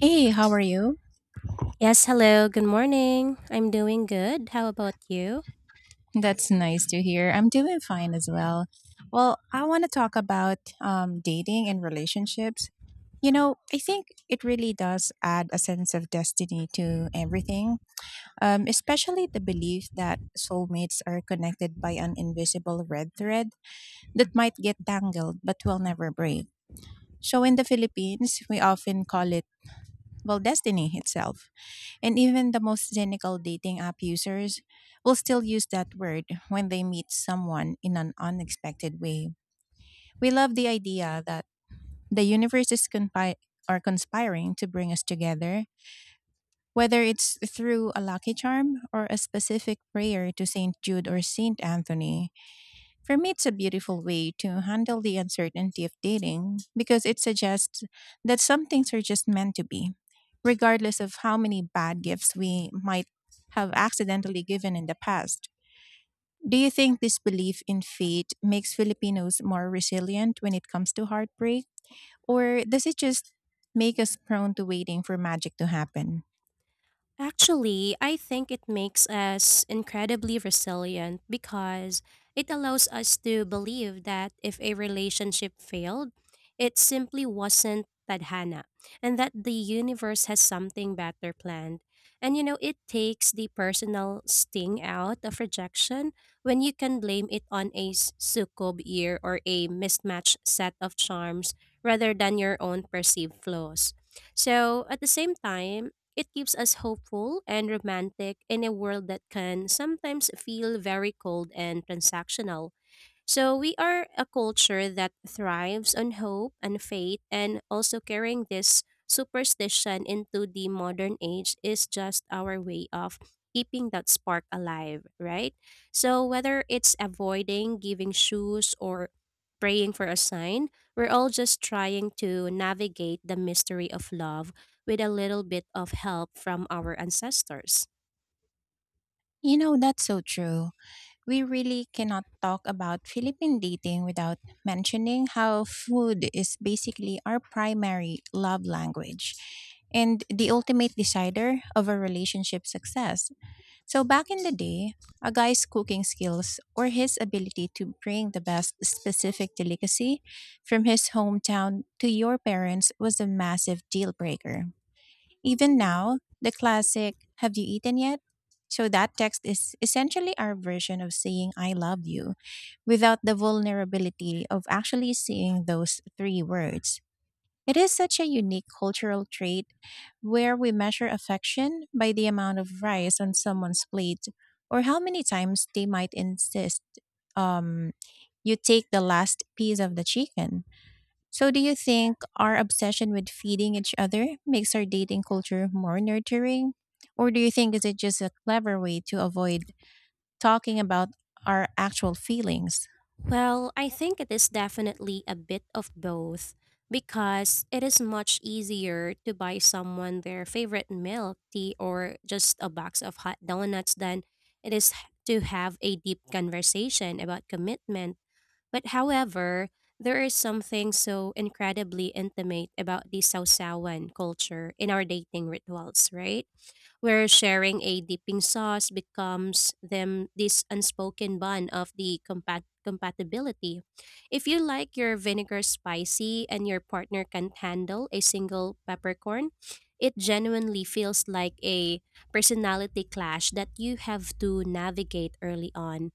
Hey, how are you? Yes, hello. Good morning. I'm doing good. How about you? That's nice to hear. I'm doing fine as well. Well, I want to talk about dating and relationships. You know, I think it really does add a sense of destiny to everything, especially the belief that soulmates are connected by an invisible red thread that might get tangled but will never break. So in the Philippines, we often call it, well, destiny itself. And even the most cynical dating app users will still use that word when they meet someone in an unexpected way. We love the idea that the universe is conspi- or conspiring to bring us together, whether it's through a lucky charm or a specific prayer to St. Jude or St. Anthony. For me, it's a beautiful way to handle the uncertainty of dating because it suggests that some things are just meant to be, regardless of how many bad gifts we might have accidentally given in the past. Do you think this belief in fate makes Filipinos more resilient when it comes to heartbreak? Or does it just make us prone to waiting for magic to happen? Actually, I think it makes us incredibly resilient because it allows us to believe that if a relationship failed, it simply wasn't tadhana, and that the universe has something better planned. And you know, it takes the personal sting out of rejection when you can blame it on a sukob year or a mismatched set of charms rather than your own perceived flaws. So, at the same time, it keeps us hopeful and romantic in a world that can sometimes feel very cold and transactional. So we are a culture that thrives on hope and faith, and also carrying this superstition into the modern age is just our way of keeping that spark alive, right? So whether it's avoiding giving shoes or praying for a sign, we're all just trying to navigate the mystery of love with a little bit of help from our ancestors. You know, that's so true. We really cannot talk about Philippine dating without mentioning how food is basically our primary love language and the ultimate decider of a relationship success. So, back in the day, a guy's cooking skills or his ability to bring the best specific delicacy from his hometown to your parents was a massive deal breaker. Even now, the classic, "Have you eaten yet?" So that text is essentially our version of saying "I love you" without the vulnerability of actually saying those three words. It is such a unique cultural trait where we measure affection by the amount of rice on someone's plate or how many times they might insist um, you take the last piece of the chicken. So, do you think our obsession with feeding each other makes our dating culture more nurturing? Or do you think is it just a clever way to avoid talking about our actual feelings? Well, I think it is definitely a bit of both because it is much easier to buy someone their favorite milk tea or just a box of hot donuts than to have a deep conversation about commitment. But however, there is something so incredibly intimate about the Sausawan culture in our dating rituals, right? Where sharing a dipping sauce becomes them this unspoken bond of the compatibility. If you like your vinegar spicy and your partner can't handle a single peppercorn, it genuinely feels like a personality clash that you have to navigate early on.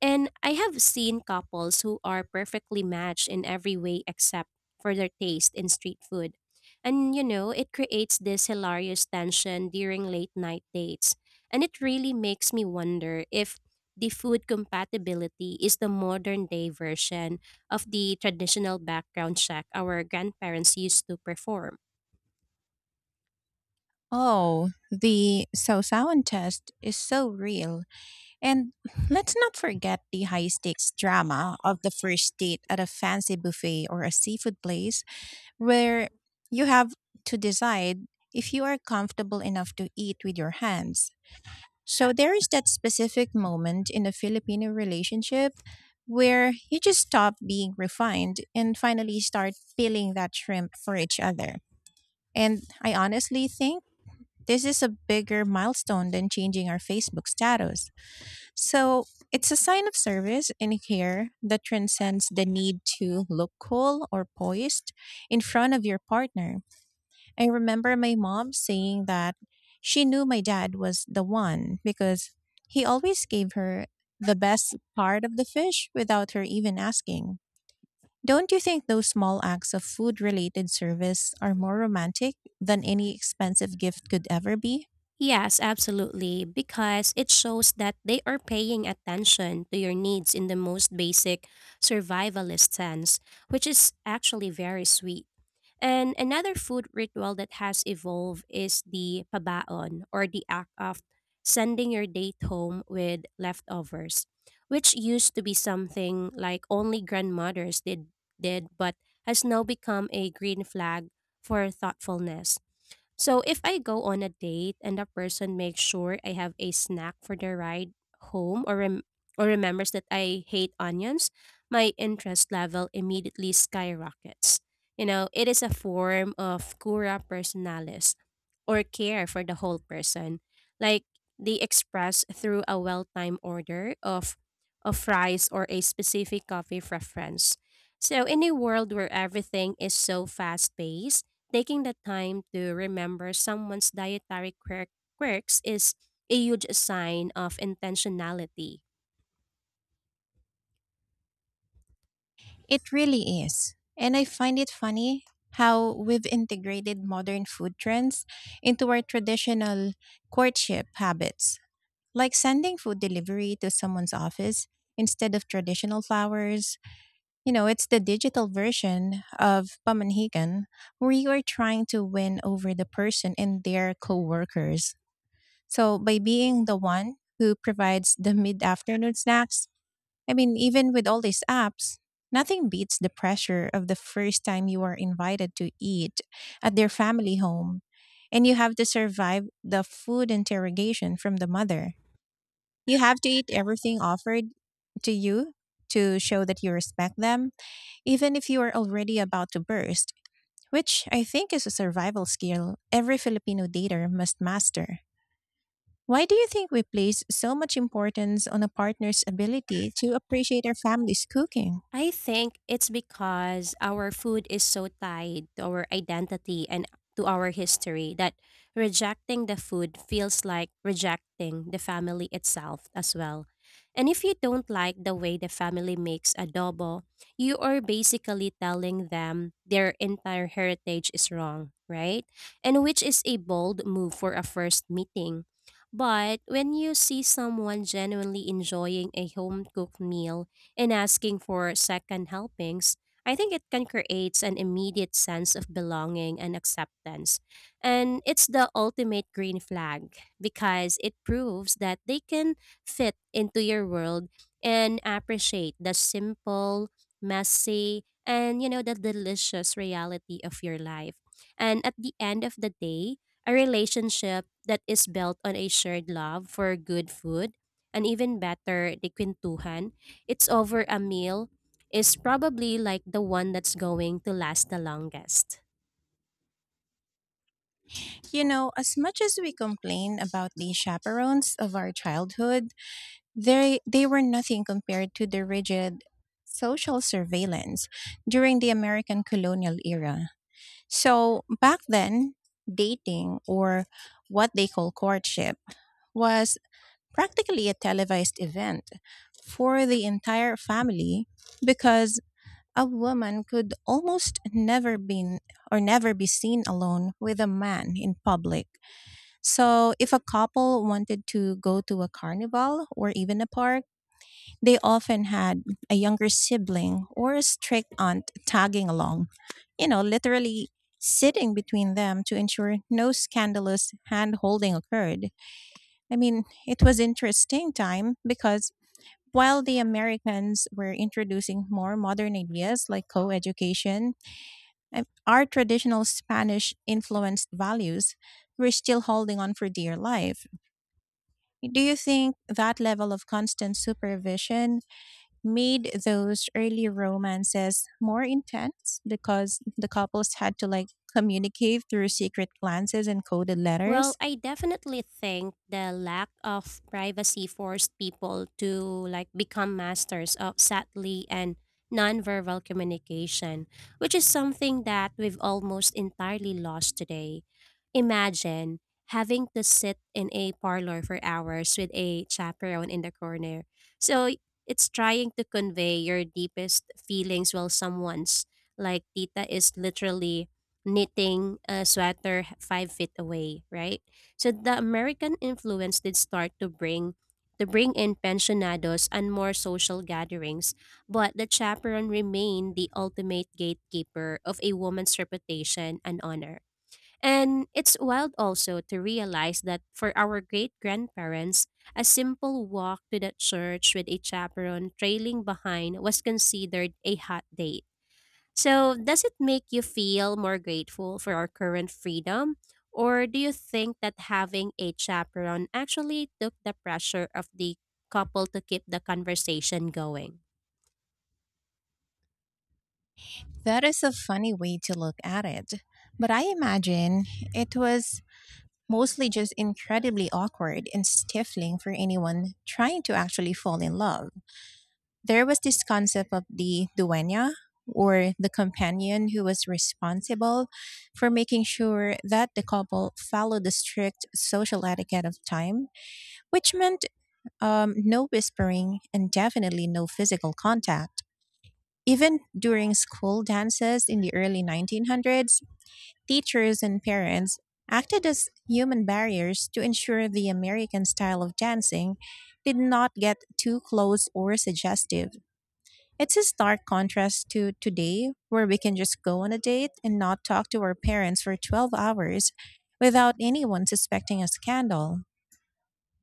And I have seen couples who are perfectly matched in every way except for their taste in street food. And you know, it creates this hilarious tension during late night dates. And it really makes me wonder if the food compatibility is the modern day version of the traditional background check our grandparents used to perform. Oh, the so sound test is so real. And let's not forget the high stakes drama of the first date at a fancy buffet or a seafood place where you have to decide if you are comfortable enough to eat with your hands. So there is that specific moment in a Filipino relationship where you just stop being refined and finally start peeling that shrimp for each other. And I honestly think this is a bigger milestone than changing our Facebook status. So it's a sign of service and care that transcends the need to look cool or poised in front of your partner. I remember my mom saying that she knew my dad was the one because he always gave her the best part of the fish without her even asking. Don't you think those small acts of food related service are more romantic than any expensive gift could ever be? Yes, absolutely, because it shows that they are paying attention to your needs in the most basic survivalist sense, which is actually very sweet. And another food ritual that has evolved is the pabaon, or the act of sending your date home with leftovers, which used to be something like only grandmothers did but has now become a green flag for thoughtfulness. So if I go on a date and the person makes sure I have a snack for the ride home or remembers that I hate onions, my interest level immediately skyrockets. You know, it is a form of cura personalis, or care for the whole person. Like they express through a well-timed order of fries or a specific coffee preference. So in a world where everything is so fast-paced, taking the time to remember someone's quirks is a huge sign of intentionality. It really is. And I find it funny how we've integrated modern food trends into our traditional courtship habits, like sending food delivery to someone's office instead of traditional flowers. You know, it's the digital version of pamanhigan, where you are trying to win over the person and their coworkers. So by being the one who provides the mid-afternoon snacks, I mean, even with all these apps, nothing beats the pressure of the first time you are invited to eat at their family home and you have to survive the food interrogation from the mother. You have to eat everything offered to you to show that you respect them, even if you are already about to burst, which I think is a survival skill every Filipino dater must master. Why do you think we place so much importance on a partner's ability to appreciate our family's cooking? I think it's because our food is so tied to our identity and to our history that rejecting the food feels like rejecting the family itself as well. And if you don't like the way the family makes adobo, you are basically telling them their entire heritage is wrong, right? And which is a bold move for a first meeting. But when you see someone genuinely enjoying a home cooked meal and asking for second helpings, I think it can create an immediate sense of belonging and acceptance. And it's the ultimate green flag because it proves that they can fit into your world and appreciate the simple, messy, and you know, the delicious reality of your life. And at the end of the day, a relationship that is built on a shared love for good food, and even better, the quintuhan it's over a meal, is probably like the one that's going to last the longest. You know, as much as we complain about the chaperones of our childhood, they were nothing compared to the rigid social surveillance during the American colonial era. So back then, dating, or what they call courtship, was practically a televised event for the entire family, because a woman could almost never be or never be seen alone with a man in public. So if a couple wanted to go to a carnival or even a park, they often had a younger sibling or a strict aunt tagging along, you know, literally sitting between them to ensure no scandalous hand holding occurred. I mean, it was interesting time because while the Americans were introducing more modern ideas like co-education, our traditional Spanish influenced values were still holding on for dear life. Do you think that level of constant supervision made those early romances more intense because the couples had to, like, communicate through secret glances and coded Well, letters? I definitely think the lack of privacy forced people to like become masters of sadly and nonverbal communication, which is something that we've almost entirely lost today. Imagine having to sit in a parlor for hours with a chaperone in the corner. So it's trying to convey your deepest feelings while someone's like tita is literally knitting a sweater 5 feet away, right? So the American influence did start to bring in pensionados and more social gatherings, but the chaperone remained the ultimate gatekeeper of a woman's reputation and honor. And it's wild also to realize that for our great grandparents, a simple walk to the church with a chaperone trailing behind was considered a hot date. So, does it make you feel more grateful for our current freedom? Or do you think that having a chaperone actually took the pressure of the couple to keep the conversation going? That is a funny way to look at it. But I imagine it was mostly just incredibly awkward and stifling for anyone trying to actually fall in love. There was this concept of the dueña, or the companion who was responsible for making sure that the couple followed the strict social etiquette of time, which meant no whispering and definitely no physical contact. Even during school dances in the early 1900s, teachers and parents acted as human barriers to ensure the American style of dancing did not get too close or suggestive. It's a stark contrast to today, where we can just go on a date and not talk to our parents for 12 hours without anyone suspecting a scandal.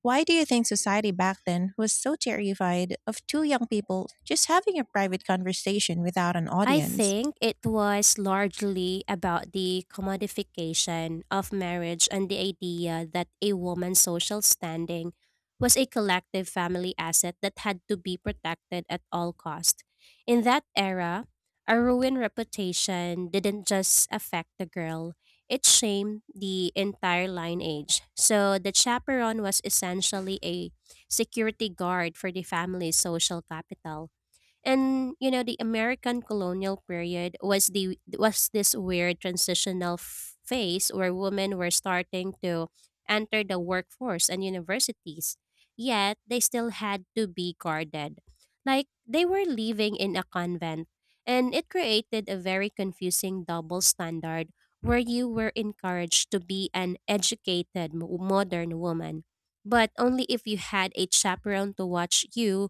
Why do you think society back then was so terrified of two young people just having a private conversation without an I audience? think it was largely about the commodification of marriage and the idea that a woman's social standing was a collective family asset that had to be protected at all cost. In that era, a ruined reputation didn't just affect the girl, it shamed the entire lineage. So the chaperone was essentially a security guard for the family's social capital. And you know, the American colonial period was this weird transitional phase where women were starting to enter the workforce and universities. Yet they still had to be guarded, like they were living in a convent. And it created a very confusing double standard where you were encouraged to be an educated modern woman, but only if you had a chaperone to watch you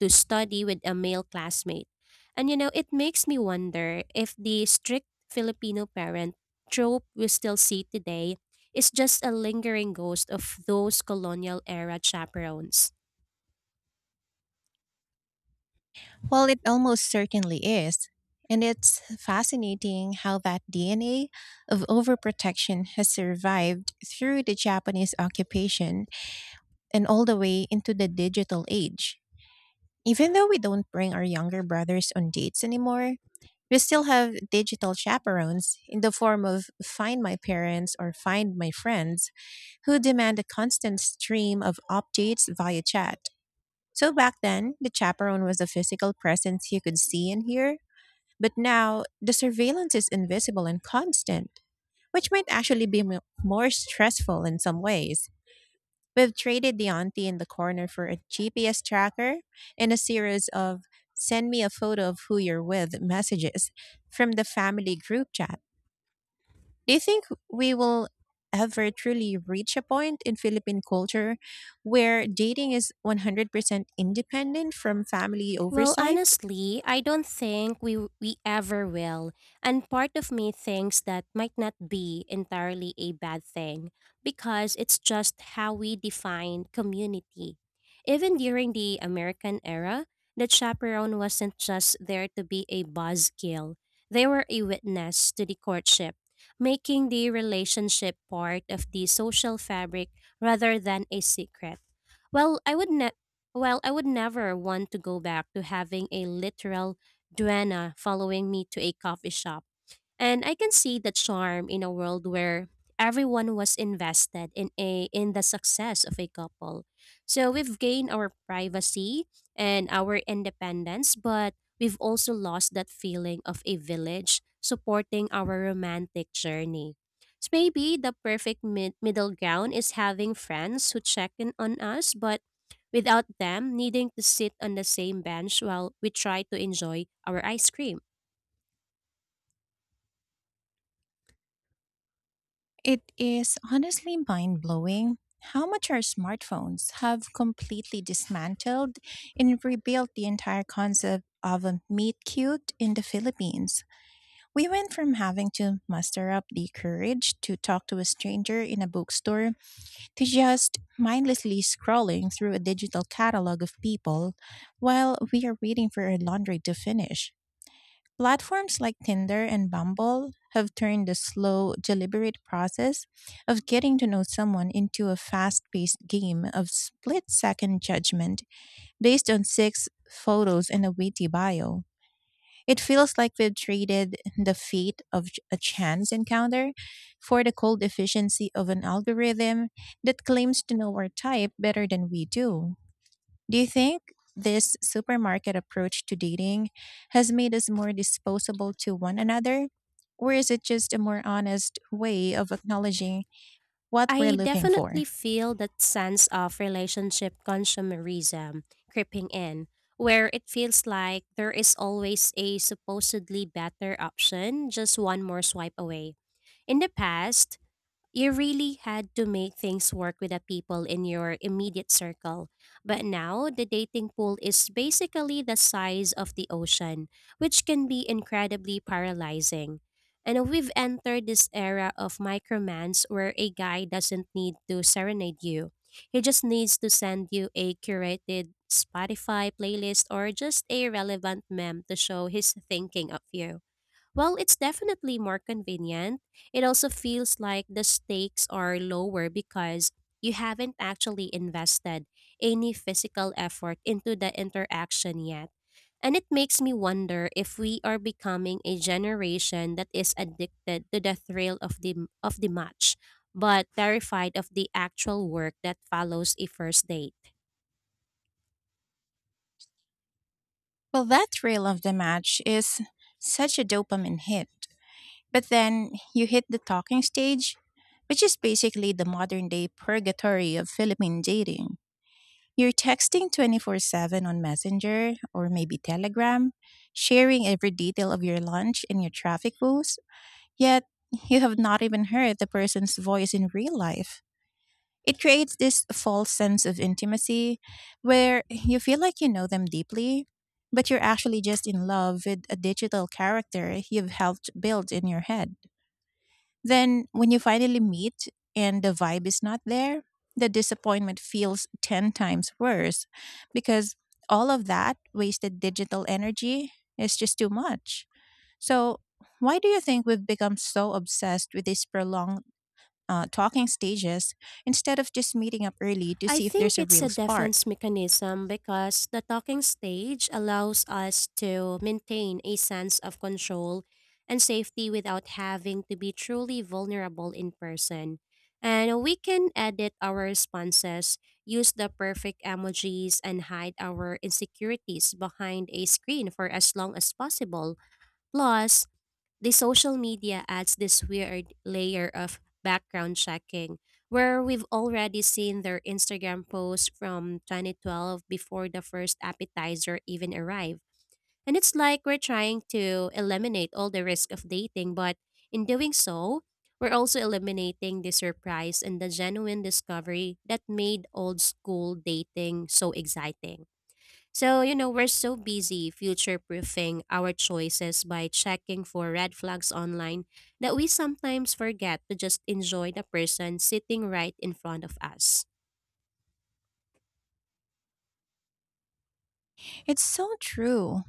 to study with a male classmate. And you know, it makes me wonder if the strict Filipino parent trope we still see today is just a lingering ghost of those colonial era chaperones. Well, it almost certainly is. And it's fascinating how that DNA of overprotection has survived through the Japanese occupation and all the way into the digital age. Even though we don't bring our younger brothers on dates anymore, we still have digital chaperones in the form of Find My Parents or Find My Friends, who demand a constant stream of updates via chat. So back then, the chaperone was a physical presence you could see and hear, but now the surveillance is invisible and constant, which might actually be more stressful in some ways. We've traded the auntie in the corner for a GPS tracker and a series of "send me a photo of who you're with" messages from the family group chat. Do you think we will ever truly reach a point in Philippine culture where dating is 100% independent from family Well, oversight? honestly, I don't think we ever will. And part of me thinks that might not be entirely a bad thing because it's just how we define community. Even during the American era, the chaperone wasn't just there to be a buzzkill. They were a witness to the courtship, making the relationship part of the social fabric rather than a secret. Well, I would ne- well, I would never want to go back to having a literal duenna following me to a coffee shop. And I can see the charm in a world where everyone was invested in a in the success of a couple. So we've gained our privacy and our independence, but we've also lost that feeling of a village supporting our romantic journey. So maybe the perfect middle ground is having friends who check in on us, but without them needing to sit on the same bench while we try to enjoy our ice cream. It is honestly mind blowing how much our smartphones have completely dismantled and rebuilt the entire concept of a meet cute in the Philippines. We went from having to muster up the courage to talk to a stranger in a bookstore to just mindlessly scrolling through a digital catalog of people while we are waiting for our laundry to finish. Platforms like Tinder and Bumble have turned the slow, deliberate process of getting to know someone into a fast paced game of split second judgment based on six photos and a witty bio. It feels like we've traded the fate of a chance encounter for the cold efficiency of an algorithm that claims to know our type better than we do. Do you think this supermarket approach to dating has made us more disposable to one another? Or is it just a more honest way of acknowledging what we're I looking for? definitely feel that sense of relationship consumerism creeping in, where it feels like there is always a supposedly better option just one more swipe away. In the past, you really had to make things work with the people in your immediate circle. But now, the dating pool is basically the size of the ocean, which can be incredibly paralyzing. And we've entered this era of micromans where a guy doesn't need to serenade you. He just needs to send you a curated Spotify playlist or just a relevant meme to show his thinking of you. While it's definitely more convenient, it also feels like the stakes are lower because you haven't actually invested any physical effort into the interaction yet. And it makes me wonder if we are becoming a generation that is addicted to the thrill of the match, but terrified of the actual work that follows a first date. Well, that thrill of the match is such a dopamine hit. But then you hit the talking stage, which is basically the modern day purgatory of Philippine dating. You're texting 24/7 on Messenger or maybe Telegram, sharing every detail of your lunch and your traffic woes, yet you have not even heard the person's voice in real life. It creates this false sense of intimacy where you feel like you know them deeply, but you're actually just in love with a digital character you've helped build in your head. Then, when you finally meet and the vibe is not there, the disappointment feels 10 times worse because all of that wasted digital energy is just too much. So, why do you think we've become so obsessed with these prolonged talking stages instead of just meeting up early to I see if there's think a it's real a spark? defense mechanism because the talking stage allows us to maintain a sense of control and safety without having to be truly vulnerable in person. And we can edit our responses, use the perfect emojis, and hide our insecurities behind a screen for as long as possible. Plus, the social media adds this weird layer of background checking where we've already seen their Instagram posts from 2012 before the first appetizer even arrived. And it's like we're trying to eliminate all the risk of dating, but in doing so, we're also eliminating the surprise and the genuine discovery that made old school dating so exciting. So, you know, we're so busy future proofing our choices by checking for red flags online that we sometimes forget to just enjoy the person sitting right in front of us. It's so true.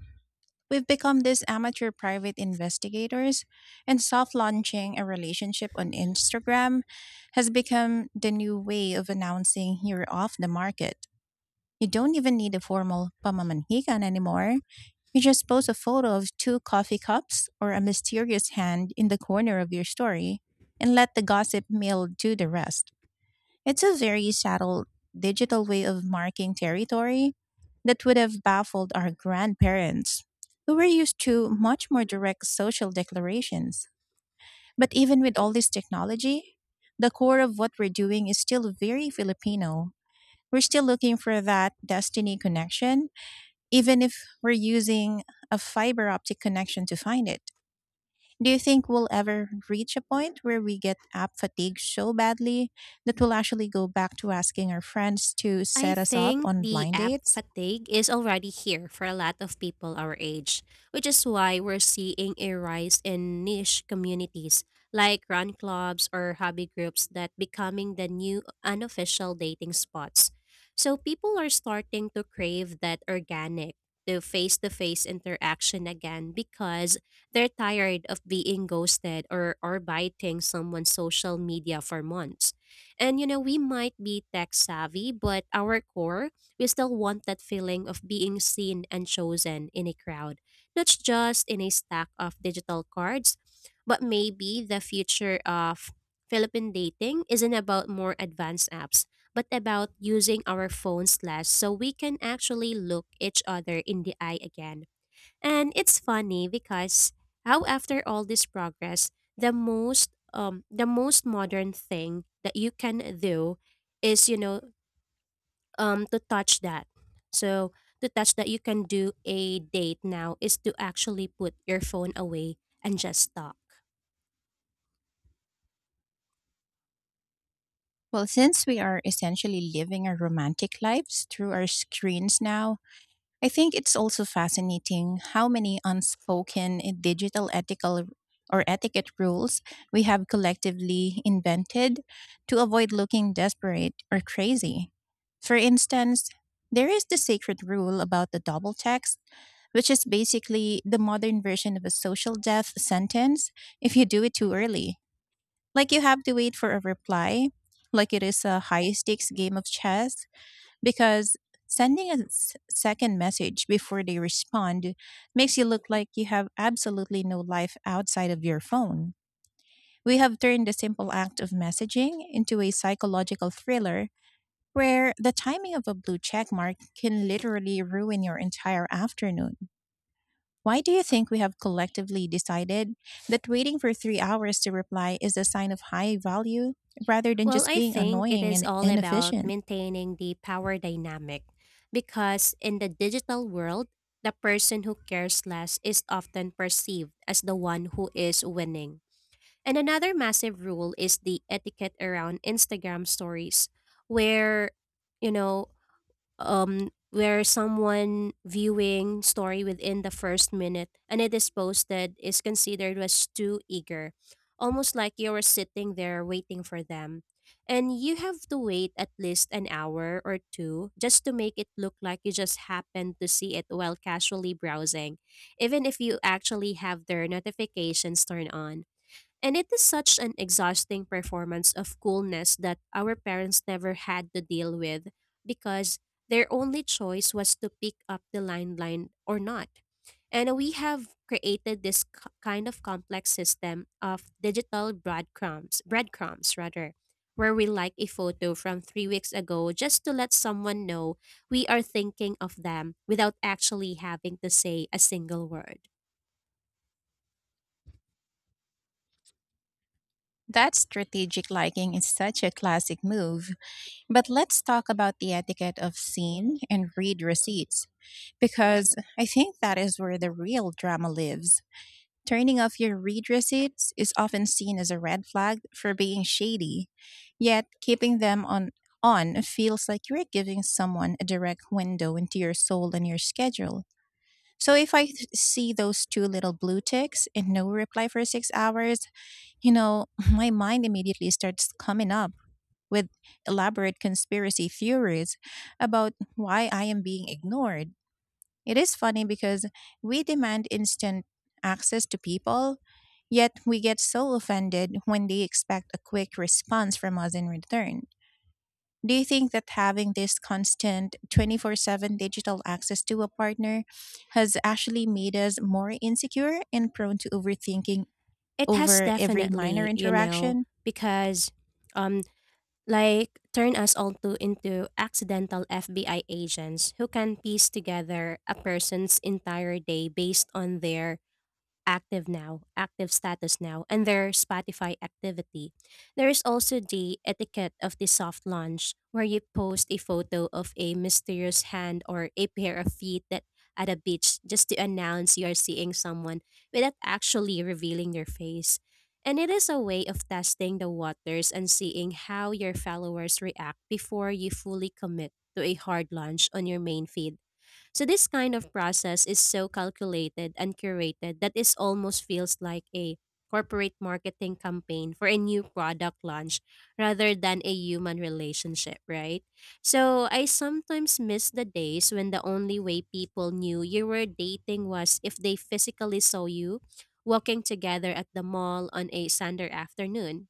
We've become these amateur private investigators, and soft launching a relationship on Instagram has become the new way of announcing you're off the market. You don't even need a formal pamamanhigan anymore. You just post a photo of two coffee cups or a mysterious hand in the corner of your story and let the gossip mill do the rest. It's a very subtle digital way of marking territory that would have baffled our grandparents, who were used to much more direct social declarations. But even with all this technology, the core of what we're doing is still very Filipino. We're still looking for that destiny connection even if we're using a fiber optic connection to find it. Do you think we'll ever reach a point where we get app fatigue so badly that we'll actually go back to asking our friends to I set us up think on the blind app dates? fatigue is already here for a lot of people our age, which is why we're seeing a rise in niche communities like run clubs or hobby groups that becoming the new unofficial dating spots. So people are starting to crave that organic, the face-to-face interaction again because they're tired of being ghosted or biting someone's social media for months. And you know, we might be tech savvy, but our core, we still want that feeling of being seen and chosen in a crowd, not just in a stack of digital cards, but maybe the future of Philippine dating isn't about more advanced apps, but about using our phones less so we can actually look each other in the eye again. And it's funny because how after all this progress, the most modern thing that you can do is, you know, to touch that. So to touch that you can do a date now is to actually put your phone away and just talk. Well, since we are essentially living our romantic lives through our screens now, I think it's also fascinating how many unspoken digital ethical or etiquette rules we have collectively invented to avoid looking desperate or crazy. For instance, there is the sacred rule about the double text, which is basically the modern version of a social death sentence if you do it too early. Like, you have to wait for a reply, like it is a high stakes game of chess, because second message before they respond makes you look like you have absolutely no life outside of your phone. We have turned the simple act of messaging into a psychological thriller where the timing of a blue check mark can literally ruin your entire afternoon. Why do you think we have collectively decided that waiting for 3 hours to reply is a sign of high value rather than Well, just I being think it annoying is and all about inefficient? maintaining the power dynamic because in the digital world, the person who cares less is often perceived as the one who is winning. And another massive rule is the etiquette around Instagram stories, where, you know, um where someone viewing story within the first minute and it is posted is considered as too eager, almost like you were sitting there waiting for them, and you have to wait at least an hour or two just to make it look like you just happened to see it while casually browsing, even if you actually have their notifications turned on. And it is such an exhausting performance of coolness that our parents never had to deal with because their only choice was to pick up the landline or not. And we have created this kind of complex system of digital breadcrumbs, rather, where we like a photo from 3 weeks ago just to let someone know we are thinking of them without actually having to say a single word. That strategic liking is such a classic move. But let's talk about the etiquette of scene and read receipts, because I think that is where the real drama lives. Turning off your read receipts is often seen as a red flag for being shady, yet keeping them on feels like you're giving someone a direct window into your soul and your schedule. So if see those two little blue ticks and no reply for 6 hours, you know, my mind immediately starts coming up with elaborate conspiracy theories about why I am being ignored. It is funny because we demand instant access to people, yet we get so offended when they expect a quick response from us in return. Do you think that having this constant 24/7 digital access to a partner has actually made us more insecure and prone to overthinking It has over every minor definitely, you know, interaction? because um like turn us all to into accidental FBI agents who can piece together a person's entire day based on their active status now, and their Spotify activity. There is also the etiquette of the soft launch, where you post a photo of a mysterious hand or a pair of feet that at a beach just to announce you are seeing someone without actually revealing their face. And it is a way of testing the waters and seeing how your followers react before you fully commit to a hard launch on your main feed. So this kind of process is so calculated and curated that it almost feels like a corporate marketing campaign for a new product launch rather than a human relationship, right? So I sometimes miss the days when the only way people knew you were dating was if they physically saw you walking together at the mall on a Sunday afternoon.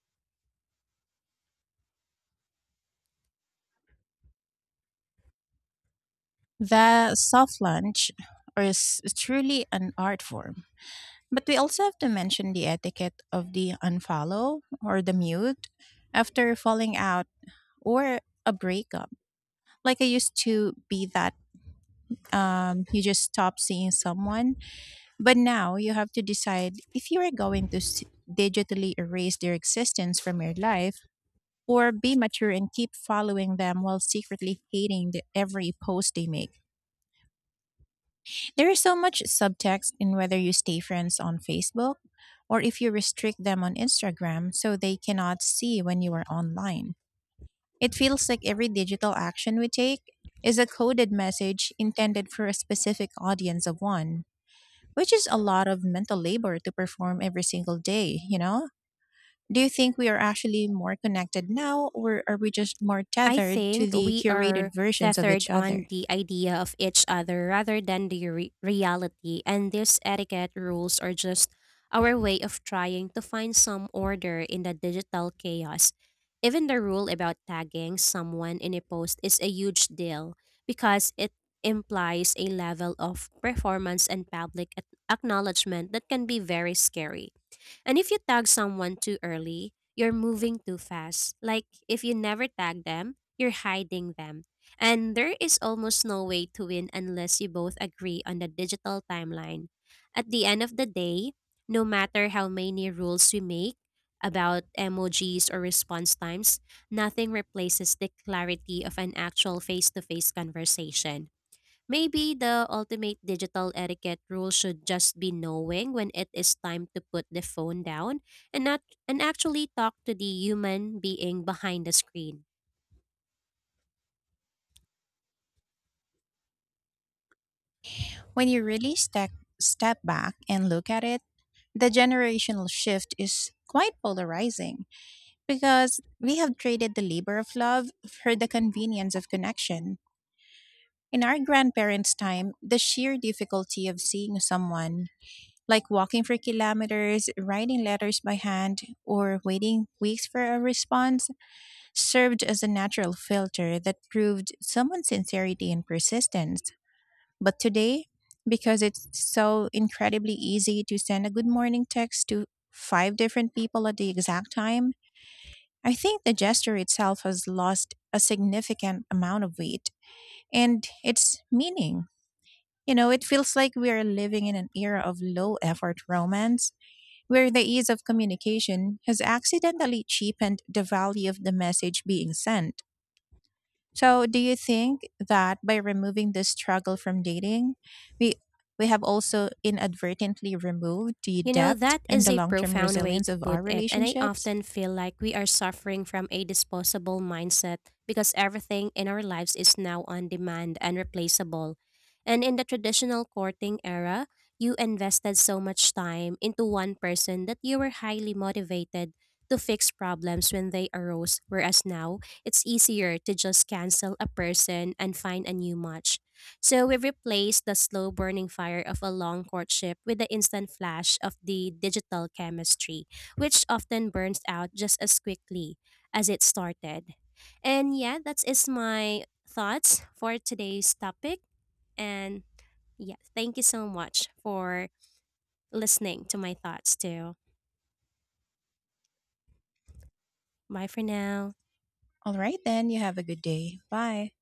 The soft lunch is truly an art form. But we also have to mention the etiquette of the unfollow or the mute after falling out or a breakup. Like, I used to be that, you just stop seeing someone, but now you have to decide if you are digitally erase their existence from your life or be mature and keep following them while secretly hating every post they make. There is so much subtext in whether you stay friends on Facebook or if you restrict them on Instagram so they cannot see when you are online. It feels like every digital action we take is a coded message intended for a specific audience of one, which is a lot of mental labor to perform every single day, you know? Do you think we are actually more connected now, or are we just more I tethered to think the we curated are versions of each tethered on other? the idea of each other rather than the reality, and these etiquette rules are just our way of trying to find some order in the digital chaos. Even the rule about tagging someone in a post is a huge deal because it implies a level of performance and public acknowledgement that can be very scary. And if you tag someone too early, you're moving too fast. Like if you never tag them, you're hiding them. And there is almost no way to win unless you both agree on the digital timeline. At the end of the day, no matter how many rules we make about emojis or response times, nothing replaces the clarity of an actual face to face conversation. Maybe the ultimate digital etiquette rule should just be knowing when it is time to put the phone down and not and actually talk to the human being behind the screen. When you really step back and look at it, the generational shift is quite polarizing because we have traded the labor of love for the convenience of connection. In our grandparents' time, the sheer difficulty of seeing someone, like walking for kilometers, writing letters by hand, or waiting weeks for a response, served as a natural filter that proved someone's sincerity and persistence. But today, because it's so incredibly easy to send a good morning text to five different people at the exact time, I think the gesture itself has lost a significant amount of weight and its meaning. You know, it feels like we are living in an era of low effort romance where the ease of communication has accidentally cheapened the value of the message being sent. So, do you think that by removing this struggle from dating, we we have also inadvertently removed the You know, depth that and is the a long-term profound way resilience to of put our it, and I relationships? often feel like we are suffering from a disposable mindset because everything in our lives is now on demand and replaceable. And in the traditional courting era, you invested so much time into one person that you were highly motivated to fix problems when they arose, whereas now it's easier to just cancel a person and find a new match. So we replaced the slow burning fire of a long courtship with the instant flash of the digital chemistry, which often burns out just as quickly as it started. And yeah, that is my thoughts for today's topic. And yeah, thank you so much for listening to my thoughts too. Bye for now. All right, then you have a good day. Bye.